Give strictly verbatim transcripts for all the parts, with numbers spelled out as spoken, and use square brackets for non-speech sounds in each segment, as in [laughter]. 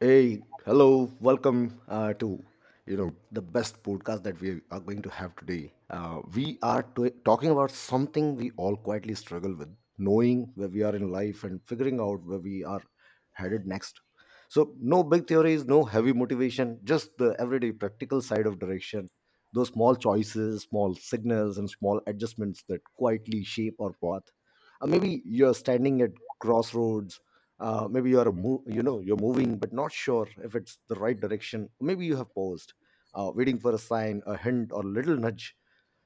Hey, hello, welcome uh, to you know the best podcast that we are going to have today. Uh, we are to- talking about something we all quietly struggle with, knowing where we are in life and figuring out where we are headed next. So, no big theories, no heavy motivation, just the everyday practical side of direction. Those small choices, small signals, and small adjustments that quietly shape our path. Uh, maybe you're standing at crossroads. Uh, maybe you are mo- you know you're moving but not sure if it's the right direction. Maybe you have paused, uh, waiting for a sign, a hint, or a little nudge.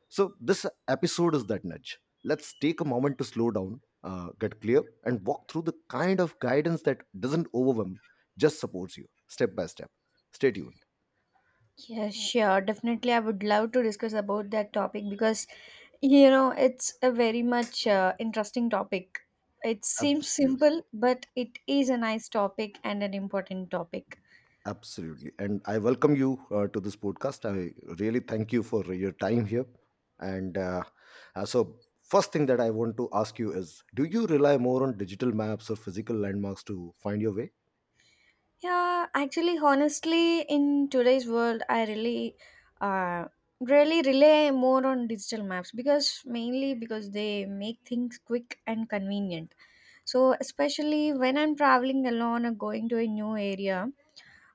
So this episode is that nudge. Let's take a moment to slow down, uh, get clear, and walk through the kind of guidance that doesn't overwhelm, just supports you step by step. Stay tuned. Yeah, sure. Definitely, I would love to discuss about that topic because, you know, it's a very much uh, interesting topic. It seems Absolutely. simple, but it is a nice topic and an important topic. Absolutely. And I welcome you uh, to this podcast. I really thank you for your time here. And uh, uh, so, first thing that I want to ask you is, do you rely more on digital maps or physical landmarks to find your way? Yeah, actually, honestly, in today's world, I really, uh, really rely more on digital maps because mainly because they make things quick and convenient. So, especially when I'm traveling alone or going to a new area,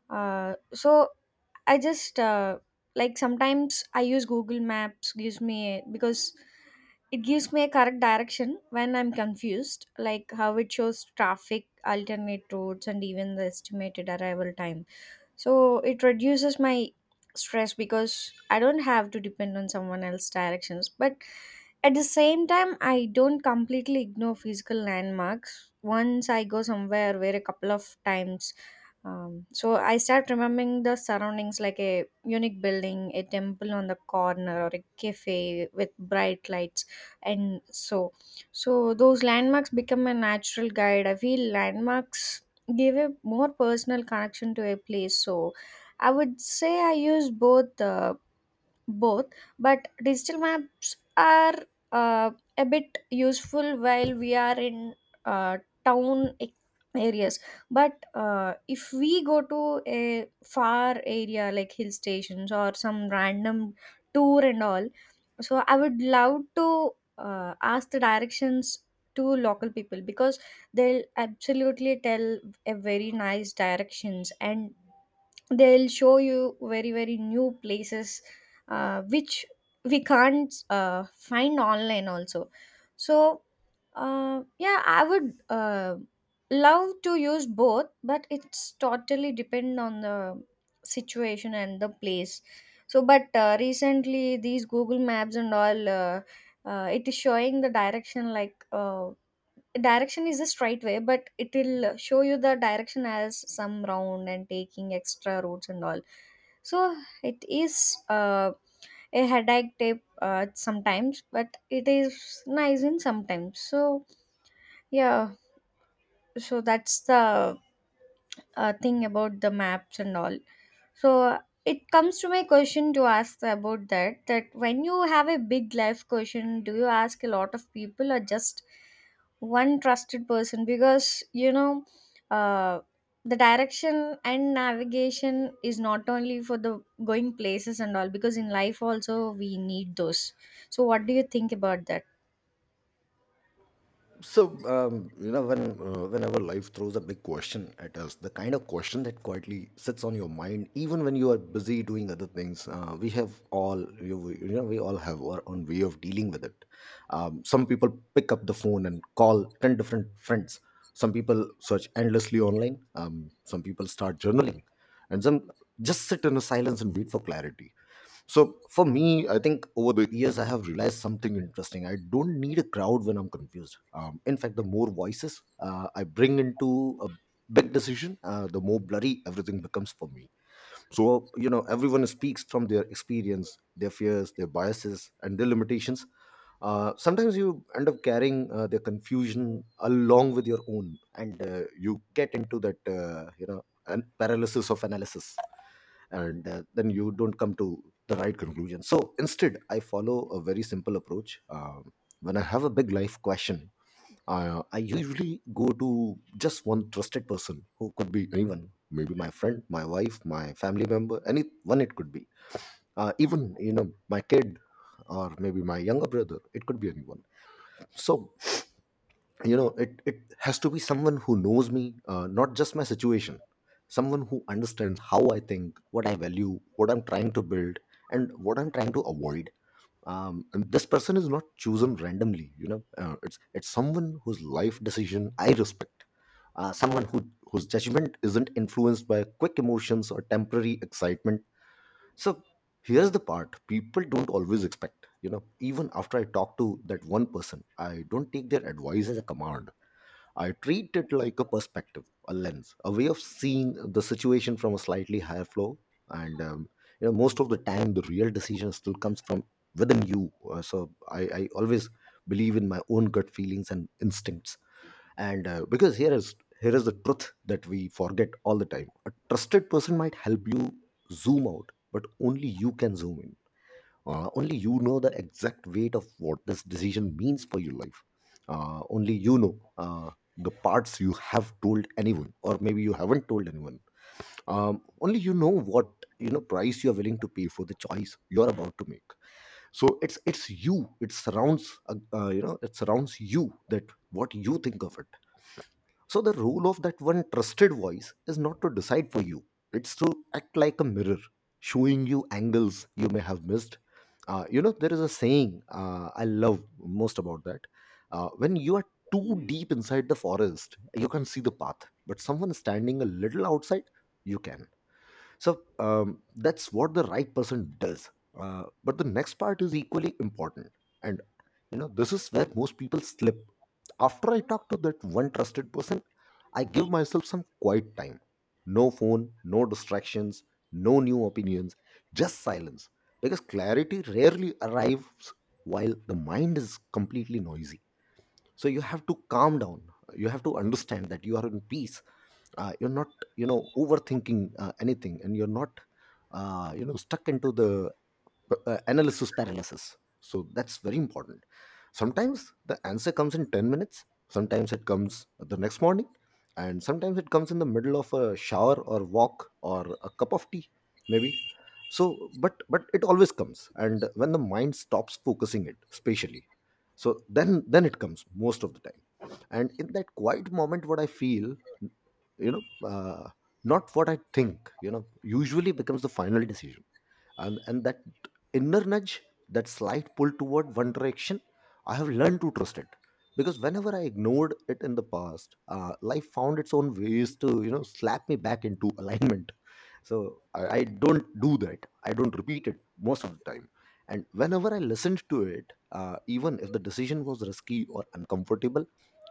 uh, so I just uh, like sometimes i use Google Maps gives me because it gives me a correct direction when i'm confused, like how it shows traffic, alternate routes, and even the estimated arrival time. So it reduces my stress because i don't have to depend on someone else's directions. But at the same time, i don't completely ignore physical landmarks. Once i go somewhere where a couple of times, um, so i start remembering the surroundings, like a unique building, a temple on the corner, or a cafe with bright lights. And so so those landmarks become a natural guide. I feel landmarks give a more personal connection to a place. So i would say i use both, uh, both But digital maps are uh, a bit useful while we are in uh, town e- areas. But uh, if we go to a far area like hill stations or some random tour and all, so i would love to uh, ask the directions to local people because they'll absolutely tell a very nice directions, and they'll show you very very new places uh, which we can't uh, find online also. So uh, yeah i would uh, love to use both, but it's totally depend on the situation and the place. So but uh, recently these Google Maps and all, uh, uh, it is showing the direction, like uh, direction is a straight way, but it will show you the direction as some round and taking extra routes and all. So it is uh, a headache tape uh, sometimes, but it is nice in sometimes. So yeah. So that's the uh, thing about the maps and all. So it comes to my question to ask about that, that when you have a big life question, do you ask a lot of people or just one trusted person? Because you know, uh, the direction and navigation is not only for the going places and all, because in life also we need those. So what do you think about that? So, um, you know, when uh, whenever life throws a big question at us, the kind of question that quietly sits on your mind even when you are busy doing other things, uh, we have all you, you know, we all have our own way of dealing with it. Um, some people pick up the phone and call ten different friends. Some people search endlessly online. Um, some people start journaling, and some just sit in a silence and wait for clarity. So for me, I think over the years I have realized something interesting. I don't need a crowd when I'm confused. Um, in fact, the more voices uh, I bring into a big decision, uh, the more blurry everything becomes for me. So you know, everyone speaks from their experience, their fears, their biases, and their limitations. Uh, sometimes you end up carrying uh, their confusion along with your own, and uh, you get into that uh, you know, an paralysis of analysis, and uh, then you don't come to the right conclusion. So instead, I follow a very simple approach. Um when I have a big life question, uh, I usually go to just one trusted person who could be anyone, maybe my friend, my wife, my family member, anyone it could be. Uh, even, you know, my kid or maybe my younger brother, it could be anyone. So, you know, it, it has to be someone who knows me, uh, not just my situation, someone who understands how I think, what I value, what I'm trying to build, and what I'm trying to avoid. Um, and this person is not chosen randomly, you know, uh, it's it's someone whose life decision I respect, uh, someone who whose judgment isn't influenced by quick emotions or temporary excitement. So here's the part people don't always expect. You know, even after I talk to that one person, I don't take their advice as a command. I treat it like a perspective, a lens, a way of seeing the situation from a slightly higher floor. And um, you know, most of the time the real decision still comes from within you. Uh, so I, I always believe in my own gut feelings and instincts, and uh, because here is here is the truth that we forget all the time: a trusted person might help you zoom out, but only you can zoom in. Uh, only you know the exact weight of what this decision means for your life. Uh, only you know uh, the parts you have told anyone or maybe you haven't told anyone. Um, only you know what you know price you are willing to pay for the choice you're about to make. So it's it's you, it surrounds uh, uh, you know, it surrounds you, that what you think of it. So the role of that one trusted voice is not to decide for you. It's to act like a mirror, showing you angles you may have missed. Uh, you know, there is a saying uh, I love most about that. Uh, when you are too deep inside the forest, you can't see the path. But someone standing a little outside, you can. So um, that's what the right person does. Uh, but the next part is equally important. And, you know, this is where most people slip. After I talk to that one trusted person, I give myself some quiet time. No phone, no distractions, no new opinions, just silence. Because clarity rarely arrives while the mind is completely noisy. So you have to calm down. You have to understand that you are in peace. Uh, you're not, you know, overthinking uh, anything, and you're not uh, you know, stuck into the uh, analysis paralysis. So that's very important. Sometimes the answer comes in ten minutes, sometimes it comes the next morning, and sometimes it comes in the middle of a shower or walk or a cup of tea maybe. So but but it always comes, and when the mind stops focusing it spatially, so then then it comes most of the time. And in that quiet moment, what I feel, you know, uh, not what I think, you know, usually becomes the final decision. And and that inner nudge, that slight pull toward one direction, I have learned to trust it. Because whenever I ignored it in the past, uh, life found its own ways to, you know, slap me back into alignment. So I, I don't do that, I don't repeat it most of the time. And whenever I listened to it, uh, even if the decision was risky or uncomfortable,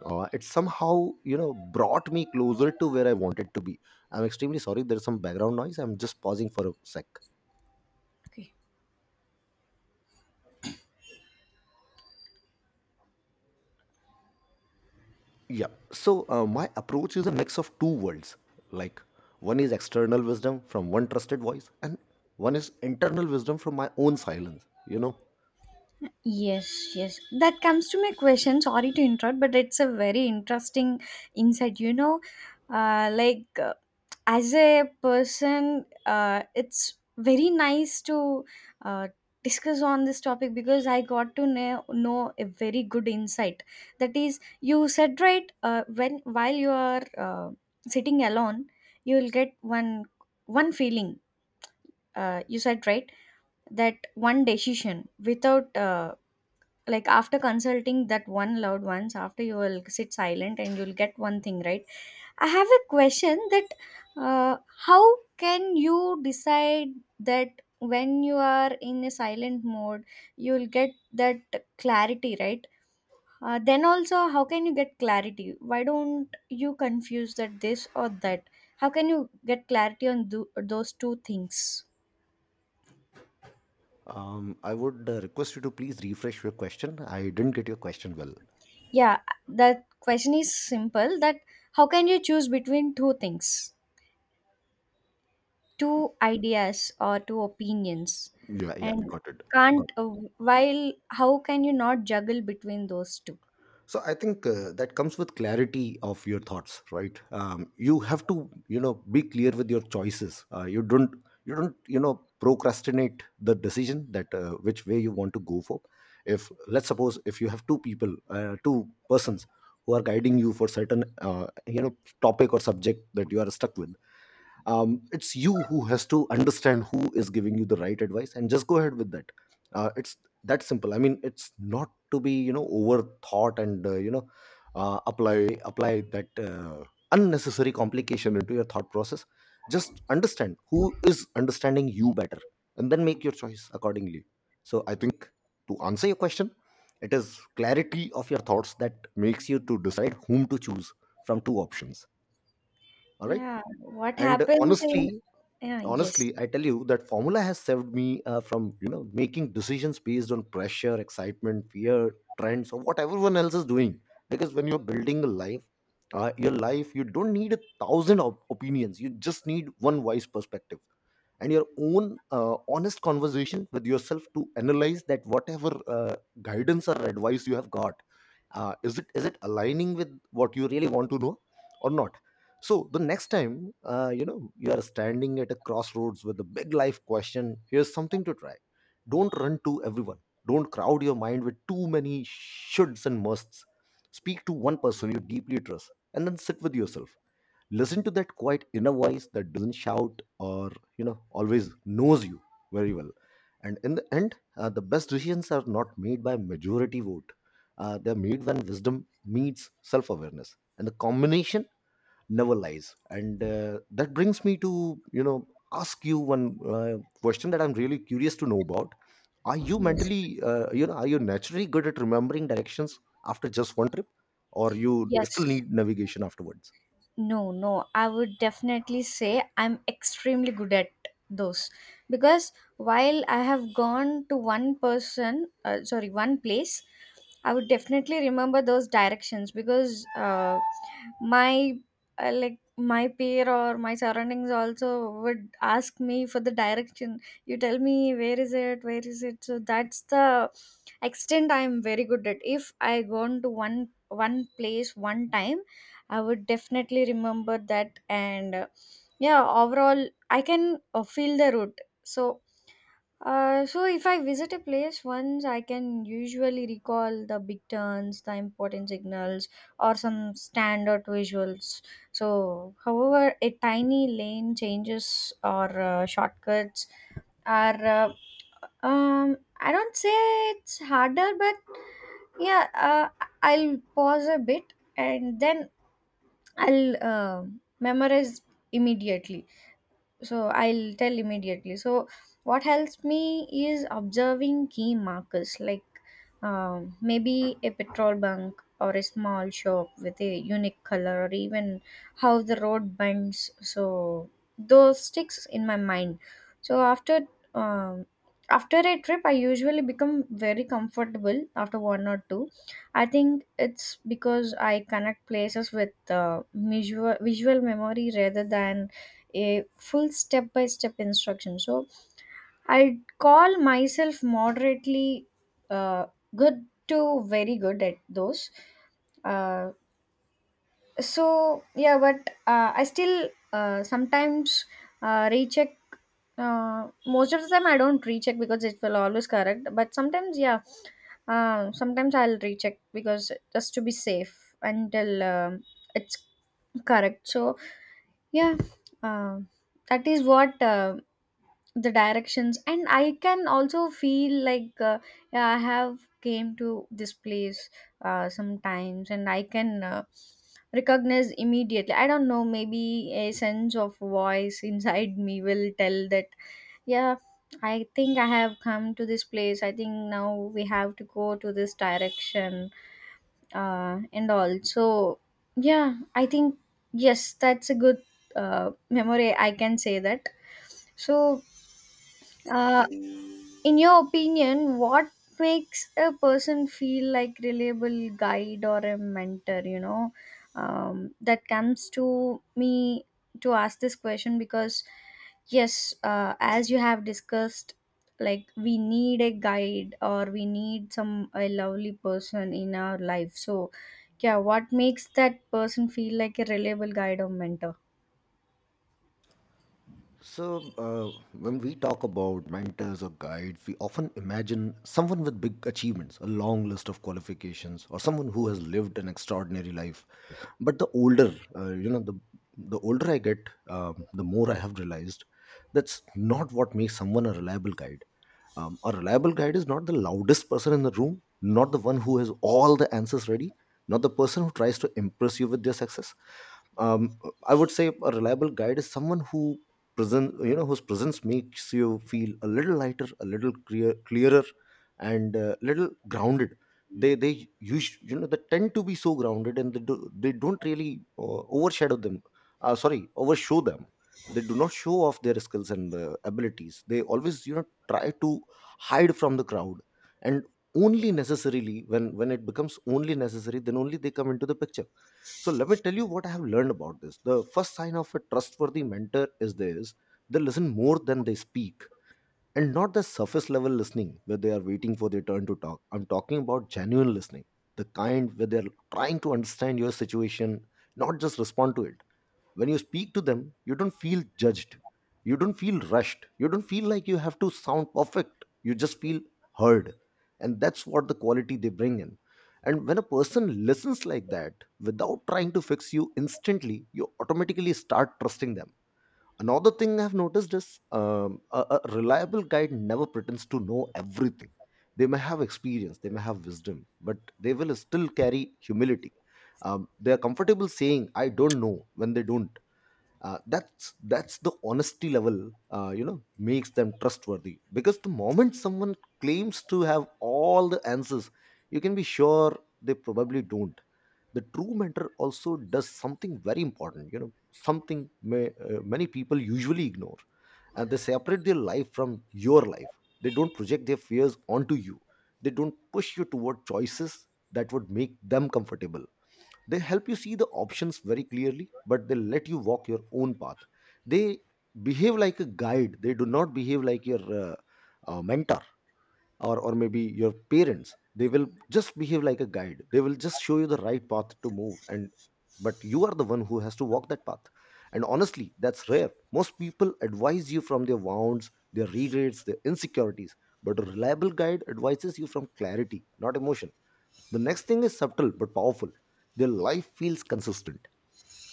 uh, it somehow, you know, brought me closer to where I wanted to be. I'm extremely sorry, there's some background noise, I'm just pausing for a sec. Okay. Yeah. So uh, my approach is a mix of two worlds. Like, one is external wisdom from one trusted voice, and one is internal wisdom from my own silence. You know, Yes, yes. That comes to my question. Sorry to interrupt, but it's a very interesting insight. You know, uh, like uh, as a person, uh, it's very nice to uh, discuss on this topic because I got to know, know a very good insight. That is, you said right uh, when while you are uh, sitting alone, you will get one one feeling. Uh, you said right that one decision without. Uh, like after consulting that one loved ones, after you will sit silent and you'll get one thing right. I have a question that uh, how can you decide that when you are in a silent mode, you'll get that clarity right? Uh, then also how can you get clarity? Why don't you confuse that, this or that? How can you get clarity on tho- those two things? um, I would uh, request you to please refresh your question. I didn't get your question well. Yeah, the question is simple, that how can you choose between two things, two ideas, or two opinions? Yeah. Uh, yeah, And got it. Got can't uh, while How can you not juggle between those two? so I think uh, that comes with clarity of your thoughts, right? Um, you have to, you know, be clear with your choices. Uh, you don't, you don't you know, procrastinate the decision that uh, which way you want to go for. If let's suppose if you have two people, uh, two persons who are guiding you for certain uh, you know, topic or subject that you are stuck with, um, it's you who has to understand who is giving you the right advice, and just go ahead with that. Uh, it's that simple. I mean, it's not to be, you know, overthought and, uh, you know, uh, apply apply that uh, unnecessary complication into your thought process. Just understand who is understanding you better, and then make your choice accordingly. So I think, to answer your question, it is clarity of your thoughts that makes you to decide whom to choose from two options. All right. Yeah, what And happens in. honestly, Yeah, honestly yes. I tell you, that formula has saved me, uh, from you know, making decisions based on pressure, excitement, fear, trends, or what everyone else is doing. Because when you're building a life, uh, your life, you don't need a thousand op- opinions, you just need one wise perspective and your own uh, honest conversation with yourself to analyze that whatever uh, guidance or advice you have got, uh, is it is it aligning with what you really want to know or not. So the next time, uh, you know, you are standing at a crossroads with a big life question, here's something to try. Don't run to everyone. Don't crowd your mind with too many shoulds and musts. Speak to one person you deeply trust, and then sit with yourself. Listen to that quiet inner voice that doesn't shout or, you know, always knows you very well. And in the end, uh, the best decisions are not made by majority vote. Uh, they're made when wisdom meets self-awareness, and the combination never lies. And uh, that brings me to, you know, ask you one uh, question that I'm really curious to know about. Are you Yes, mentally, uh, you know, are you naturally good at remembering directions after just one trip, or you still yes. need navigation afterwards? No, no, i would definitely say i'm extremely good at those. Because while i have gone to one person, uh, sorry, one place, i would definitely remember those directions because uh, my uh, like my peer or my surroundings also would ask me for the direction, you tell me where is it, where is it. So that's the extent i'm very good at. If i go to one one place one time, i would definitely remember that. And uh, yeah, overall i can uh, feel the route. So uh, so if I visit a place once, I can usually recall the big turns, the important signals, or some standard visuals. So, however, a tiny lane changes or uh, shortcuts are, uh, um, I don't say it's harder, but yeah, uh, I'll pause a bit and then I'll uh, memorize immediately. So i'll tell immediately. So what helps me is observing key markers, like um, maybe a petrol bunk or a small shop with a unique color, or even how the road bends. So those sticks in my mind. So after um, after a trip, i usually become very comfortable after one or two. I think it's because i connect places with uh, visual visual memory rather than a full step by step instruction. So i call myself moderately uh, good to very good at those. uh, so yeah, but uh, i still uh, sometimes uh, recheck. Uh, most of the time i don't recheck because it will always correct, but sometimes yeah, uh, sometimes i'll recheck because just to be safe until um it's correct. So yeah, uh, that is what uh, the directions. And i can also feel like uh, yeah, i have came to this place uh, sometimes, and i can uh, recognize immediately. I don't know, maybe a sense of voice [laughs] inside me will tell that yeah, i think i have come to this place. I think now we have to go to this direction. Uh, and also yeah, i think yes, that's a good uh, memory, i can say that. So uh, in your opinion, what makes a person feel like reliable guide or a mentor? You know, um, that comes to me to ask this question because yes, uh, as you have discussed, like we need a guide, or we need some a lovely person in our life. So yeah, what makes that person feel like a reliable guide or mentor? So, uh, when we talk about mentors or guides, we often imagine someone with big achievements, a long list of qualifications, or someone who has lived an extraordinary life. But the older, uh, you know, the the older I get, um, the more I have realized that's not what makes someone a reliable guide. Um, a reliable guide is not the loudest person in the room, not the one who has all the answers ready, not the person who tries to impress you with their success. Um, I would say a reliable guide is someone who present you know whose presence makes you feel a little lighter, a little clear, clearer, and a little grounded. They they use you know they tend to be so grounded and they do, they don't really uh, overshadow them. Uh, sorry, overshow them. They do not show off their skills and uh, abilities. They always you know try to hide from the crowd and only necessarily when when it becomes only necessary, then only they come into the picture. So let me tell you what I have learned about this. The first sign of a trustworthy mentor is this: they listen more than they speak. And not the surface level listening where they are waiting for their turn to talk. I'm talking about genuine listening, the kind where they're trying to understand your situation, not just respond to it. When you speak to them, you don't feel judged, you don't feel rushed, you don't feel like you have to sound perfect, you just feel heard. And that's what the quality they bring in. And when a person listens like that, without trying to fix you instantly, you automatically start trusting them. Another thing I've noticed is um, a, a reliable guide never pretends to know everything. They may have experience, they may have wisdom, but they will still carry humility. um, they are comfortable saying I don't know when they don't. Uh, that's that's the honesty level uh, you know makes them trustworthy, because the moment someone claims to have all the answers, you can be sure they probably don't. The true mentor also does something very important, you know, something may, uh, many people usually ignore. And they separate their life from your life. They don't project their fears onto you. They don't push you toward choices that would make them comfortable. They help you see the options very clearly, but they let you walk your own path. They behave like a guide, they do not behave like your uh, uh, mentor, or, or maybe your parents. They will just behave like a guide, they will just show you the right path to move. And but you are the one who has to walk that path. And honestly, that's rare. Most people advise you from their wounds, their regrets, their insecurities, but a reliable guide advises you from clarity, not emotion. The next thing is subtle but powerful. Their life feels consistent.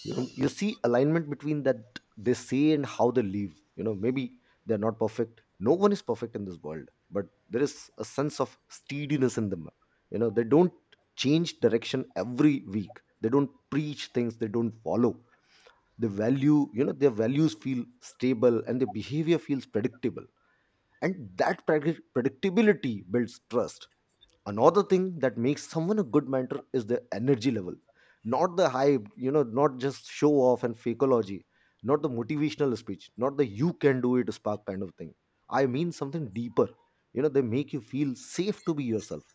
You, know, you see alignment between that they say and how they live. You know, maybe they're not perfect. No one is perfect in this world, but there is a sense of steadiness in them. You know, they don't change direction every week. They don't preach things they don't follow. They value, you know, their values feel stable and their behavior feels predictable. And that predict- predictability builds trust. Another thing that makes someone a good mentor is their energy level. Not the hype, you know, not just show off and fakeology, not the motivational speech, not the you can do it spark kind of thing. I mean something deeper. You know, they make you feel safe to be yourself,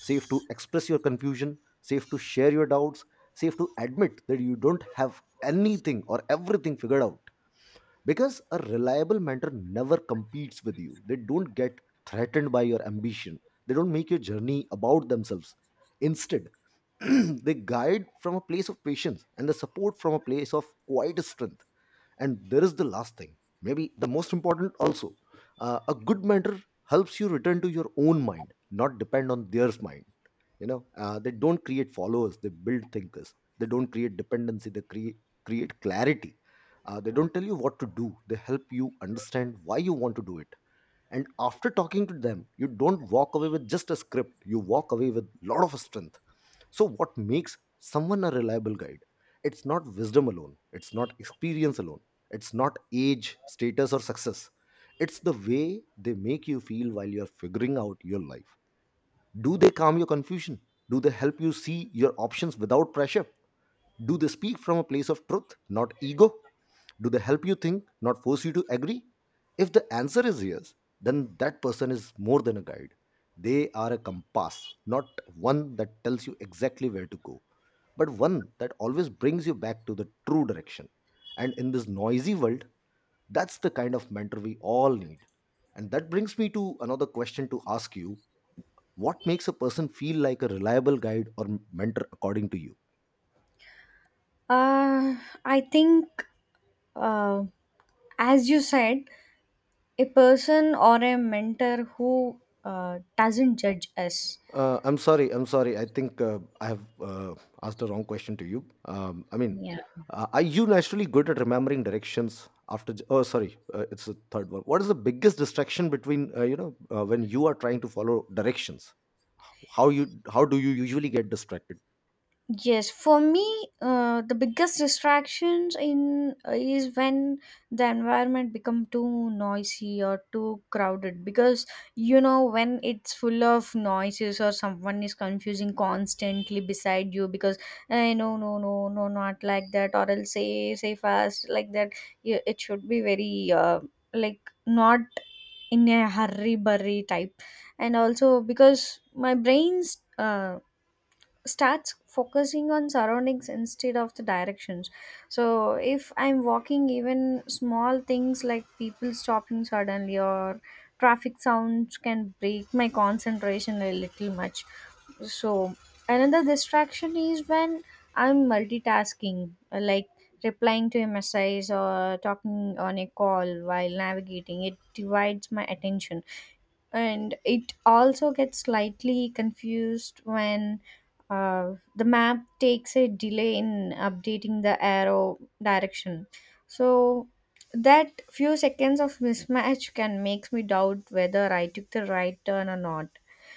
safe to express your confusion, safe to share your doubts, safe to admit that you don't have anything or everything figured out. Because a reliable mentor never competes with you. They don't get threatened by your ambition. They don't make your journey about themselves. Instead, [clears throat] they guide from a place of patience and they support from a place of quiet strength. And there is the last thing, maybe the most important also. Uh, a good mentor helps you return to your own mind, not depend on theirs mind. You know uh, they don't create followers, they build thinkers. They don't create dependency, they create create clarity. Uh, they don't tell you what to do, they help you understand why you want to do it. And after talking to them, you don't walk away with just a script, you walk away with lot of strength. So what makes someone a reliable guide? It's not wisdom alone, it's not experience alone, it's not age, status or success. It's the way they make you feel while you're figuring out your life. Do they calm your confusion? Do they help you see your options without pressure? Do they speak from a place of truth, not ego? Do they help you think, not force you to agree? If the answer is yes, then that person is more than a guide. They are a compass, not one that tells you exactly where to go, but one that always brings you back to the true direction. And in this noisy world, that's the kind of mentor we all need. And that brings me to another question to ask you: what makes a person feel like a reliable guide or m- mentor according to you? Uh, I think, uh, as you said, a person or a mentor who uh, doesn't judge us. Uh, I'm sorry. I'm sorry. I think uh, I have uh, asked the wrong question to you. Um, I mean, Yeah. uh, are you naturally good at remembering directions after? j- Oh, sorry. Uh, it's the third one. What is the biggest distraction between uh, you know uh, when you are trying to follow directions? How you how do you usually get distracted? Yes, for me, uh, the biggest distractions in uh, is when the environment become too noisy or too crowded. Because you know, when it's full of noises or someone is confusing constantly beside you, because eh, no no no no, not like that, or else say say fast like that. Yeah, it should be very uh, like not in a hurry burry type. And also because my brain's uh, starts focusing on surroundings instead of the directions. So if i'm walking, even small things like people stopping suddenly or traffic sounds can break my concentration a little much. So another distraction is when i'm multitasking, uh, like replying to a message or talking on a call while navigating, it divides my attention. And it also gets slightly confused when uh, the map takes a delay in updating the arrow direction. So that few seconds of mismatch can makes me doubt whether i took the right turn or not.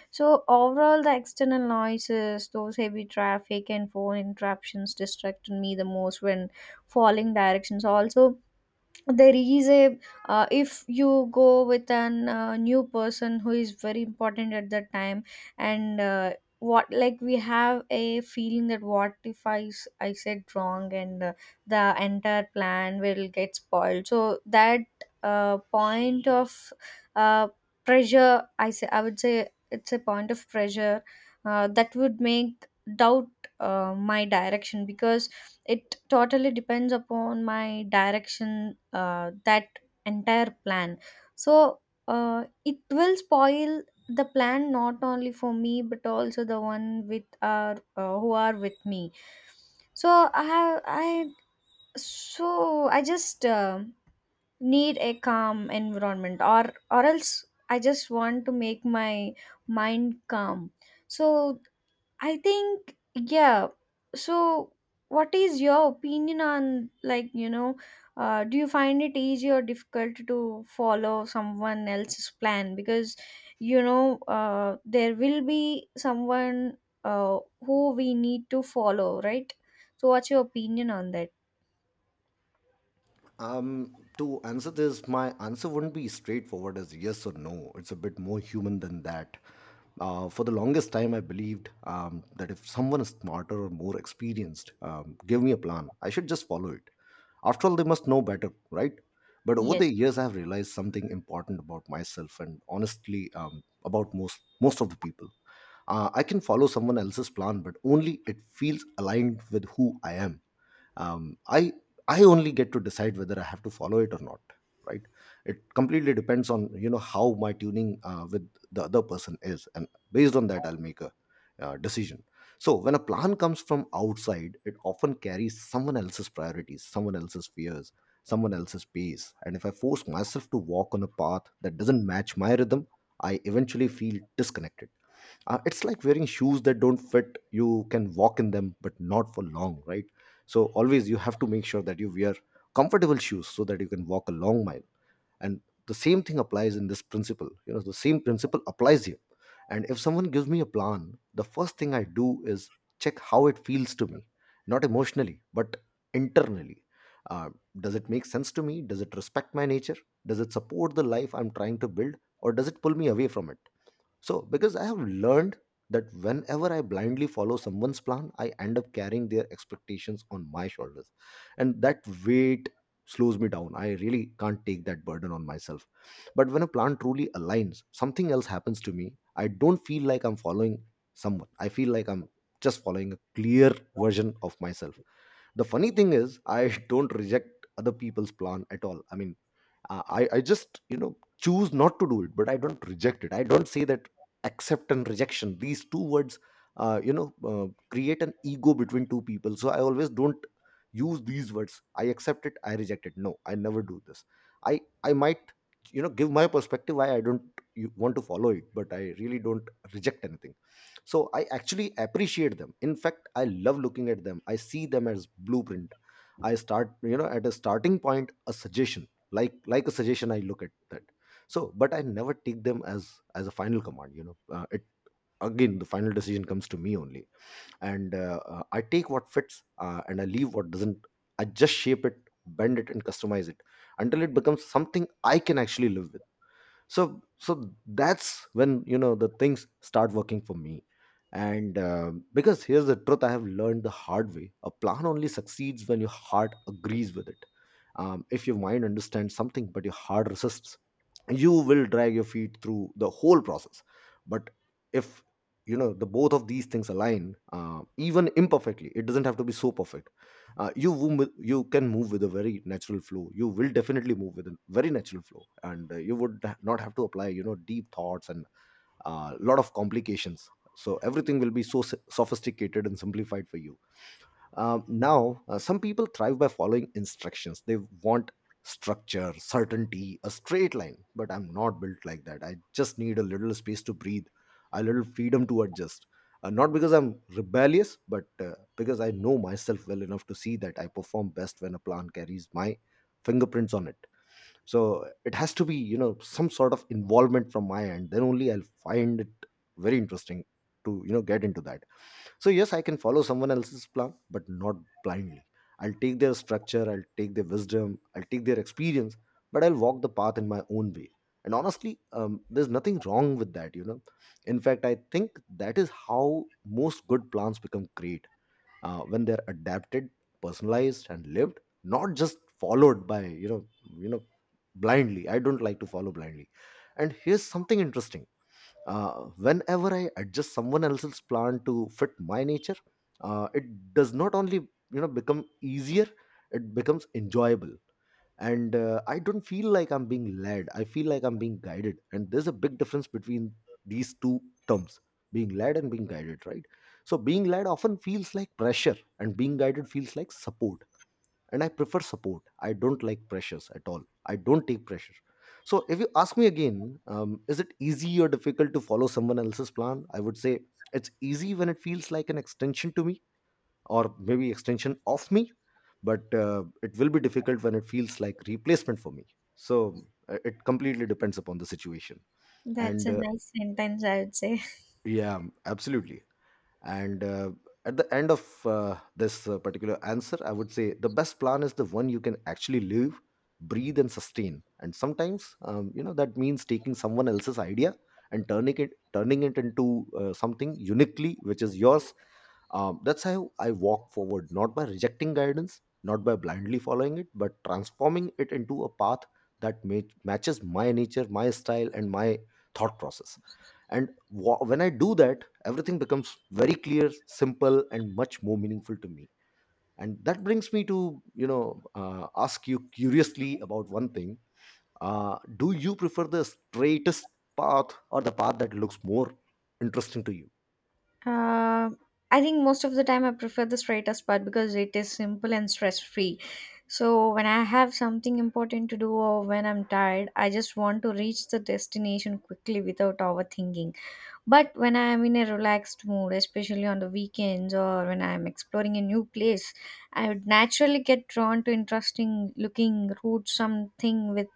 So overall, the external noises, those heavy traffic and phone interruptions distracted me the most when following directions. Also, there is a, uh, if you go with an uh, new person who is very important at that time, and uh, what, like we have a feeling that what if i s- I said wrong, and uh, the entire plan will get spoiled. So that uh, point of uh, pressure I say i would say it's a point of pressure uh, that would make doubt uh, my direction, because it totally depends upon my direction uh, that entire plan. So uh, it will spoil the plan not only for me but also the one with our uh, who are with me. So I have I so I just uh, need a calm environment, or or else i just want to make my mind calm. So I think, yeah. So what is your opinion on, like, you know, uh, do you find it easy or difficult to follow someone else's plan? Because, you know, uh, there will be someone uh, who we need to follow, right? So what's your opinion on that? Um, to answer this, my answer wouldn't be straightforward as yes or no. It's a bit more human than that. Uh, for the longest time, I believed um, that if someone is smarter or more experienced, um, give me a plan. I should just follow it. After all, they must know better, right? But over the Yes, years, I have realized something important about myself and honestly um, about most most of the people. Uh, I can follow someone else's plan, but only it feels aligned with who I am. um, i i only get to decide whether I have to follow it or not, right? It completely depends on, you know, how my tuning uh, with the other person is, and based on that I'll make a uh, decision. So when a plan comes from outside, it often carries someone else's priorities, someone else's fears, someone else's pace. And if I force myself to walk on a path that doesn't match my rhythm, I eventually feel disconnected. Uh, it's like wearing shoes that don't fit. You can walk in them but not for long, right? So always you have to make sure that you wear comfortable shoes so that you can walk a long mile. And the same thing applies in this principle, you know, the same principle applies here. And if someone gives me a plan, the first thing I do is check how it feels to me. Not emotionally, but internally. uh, does it make sense to me? Does it respect my nature? Does it support the life I'm trying to build, or does it pull me away from it? So, because I have learned that whenever I blindly follow someone's plan, I end up carrying their expectations on my shoulders. And that weight slows me down. I really can't take that burden on myself. But when a plan truly aligns, something else happens to me. I don't feel like I'm following someone, I feel like I'm just following a clear version of myself. The funny thing is, I [laughs] don't reject other people's plan at all. I mean, uh, i i just, you know, choose not to do it, but I don't reject it. I don't say that. Accept and rejection, these two words uh, you know uh, create an ego between two people, so I always don't use these words. I accept it, I reject it, no, I never do this. i i might, you know, give my perspective why I don't you want to follow it, but I really don't reject anything. So I actually appreciate them. In fact, I love looking at them. I see them as blueprint. I start, you know, at a starting point, a suggestion, like like a suggestion, I look at that. So but I never take them as as a final command, you know. uh, it again, the final decision comes to me only. And uh, uh, I take what fits, uh, and I leave what doesn't. I just shape it, bend it and customize it until it becomes something I can actually live with. So so that's when, you know, the things start working for me. And um because here's the truth, I have learned the hard way: a plan only succeeds when your heart agrees with it. um, if your mind understands something but your heart resists, you will drag your feet through the whole process. But if, you know, the both of these things align, uh, even imperfectly, it doesn't have to be so perfect. Uh, you wo- mo- you can move with a very natural flow You will definitely move with a very natural flow and uh, you would ha- not have to apply you know deep thoughts and a lot of complications. So everything will be so s- sophisticated and simplified for you. Um, now, uh, some people thrive by following instructions. They want structure, certainty, a straight line. But I'm not built like that. I just need a little space to breathe, a little freedom to adjust. Uh, not because I'm rebellious, but uh, because I know myself well enough to see that I perform best when a plan carries my fingerprints on it. So it has to be, you know, some sort of involvement from my end. Then only I'll find it very interesting to, you know, get into that. So, yes, I can follow someone else's plan, but not blindly. I'll take their structure, I'll take their wisdom, I'll take their experience, but I'll walk the path in my own way. And honestly, um, there's nothing wrong with that, you know. In fact, I think that is how most good plans become great uh, when they're adapted, personalized, and lived, not just followed by, you know, you know, blindly. I don't like to follow blindly. And here's something interesting uh, whenever I adjust someone else's plan to fit my nature, uh, it does not only you know become easier, it becomes enjoyable. And uh, I don't feel like I'm being led. I feel like I'm being guided. And there's a big difference between these two terms, being led and being guided, right? So being led often feels like pressure, and being guided feels like support, and I prefer support. I don't like pressures at all. I don't take pressure. So if you ask me again, um, is it easy or difficult to follow someone else's plan? I would say it's easy when it feels like an extension to me, or maybe extension of me, but uh, it will be difficult when it feels like replacement for me. So uh, it completely depends upon the situation. that's And a uh, nice sentence, I would say. yeah, absolutely. And uh, at the end of uh, this uh, particular answer, I would say the best plan is the one you can actually live, breathe and sustain. And sometimes um, you know that means taking someone else's idea and turning it turning it into uh, something uniquely which is yours. Um, that's how I walk forward, not by rejecting guidance, not by blindly following it, but transforming it into a path that ma- matches my nature, my style and my thought process. And wha- when I do that, everything becomes very clear, simple and much more meaningful to me. And that brings me to, you know uh, ask you curiously about one thing. Uh, do you prefer the straightest path or the path that looks more interesting to you? Uh, I think most of the time I prefer the straightest part because it is simple and stress free. So when I have something important to do or when I'm tired, I just want to reach the destination quickly without overthinking. But when I am in a relaxed mood, especially on the weekends or when I am exploring a new place, I would naturally get drawn to interesting looking routes, something with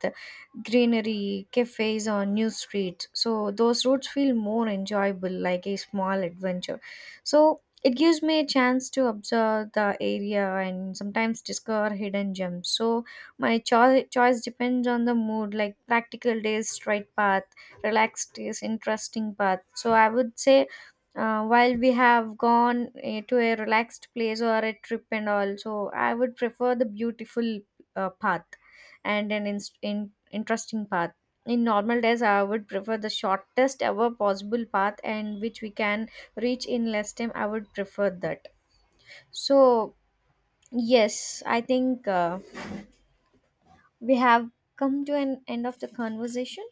greenery, cafes, or new streets. So those routes feel more enjoyable, like a small adventure. So it gives me a chance to observe the area and sometimes discover hidden gems. So my cho- choice depends on the mood, like practical days, straight paths, relaxed is interesting path. So i would say uh, while we have gone eh, to a relaxed place or a trip and all, so i would prefer the beautiful uh, path and an inst in- interesting path. In normal days, i would prefer the shortest ever possible path, and which we can reach in less time, i would prefer that. So yes, i think uh, we have come to an end of the conversation.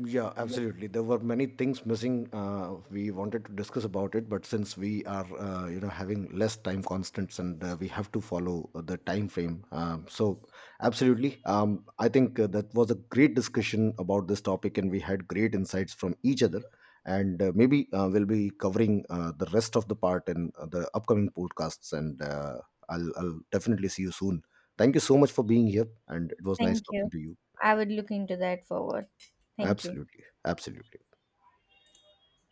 Yeah, absolutely. There were many things missing. Uh, we wanted to discuss about it, but since we are, uh, you know, having less time constants and uh, we have to follow the time frame, um, so absolutely. Um, I think uh, that was a great discussion about this topic, and we had great insights from each other. And uh, maybe uh, we'll be covering uh, the rest of the part in uh, the upcoming podcasts. And uh, I'll, I'll definitely see you soon. Thank you so much for being here, and it was nice Thank talking you. to you. I would look into that forward. Thank you. Absolutely, absolutely.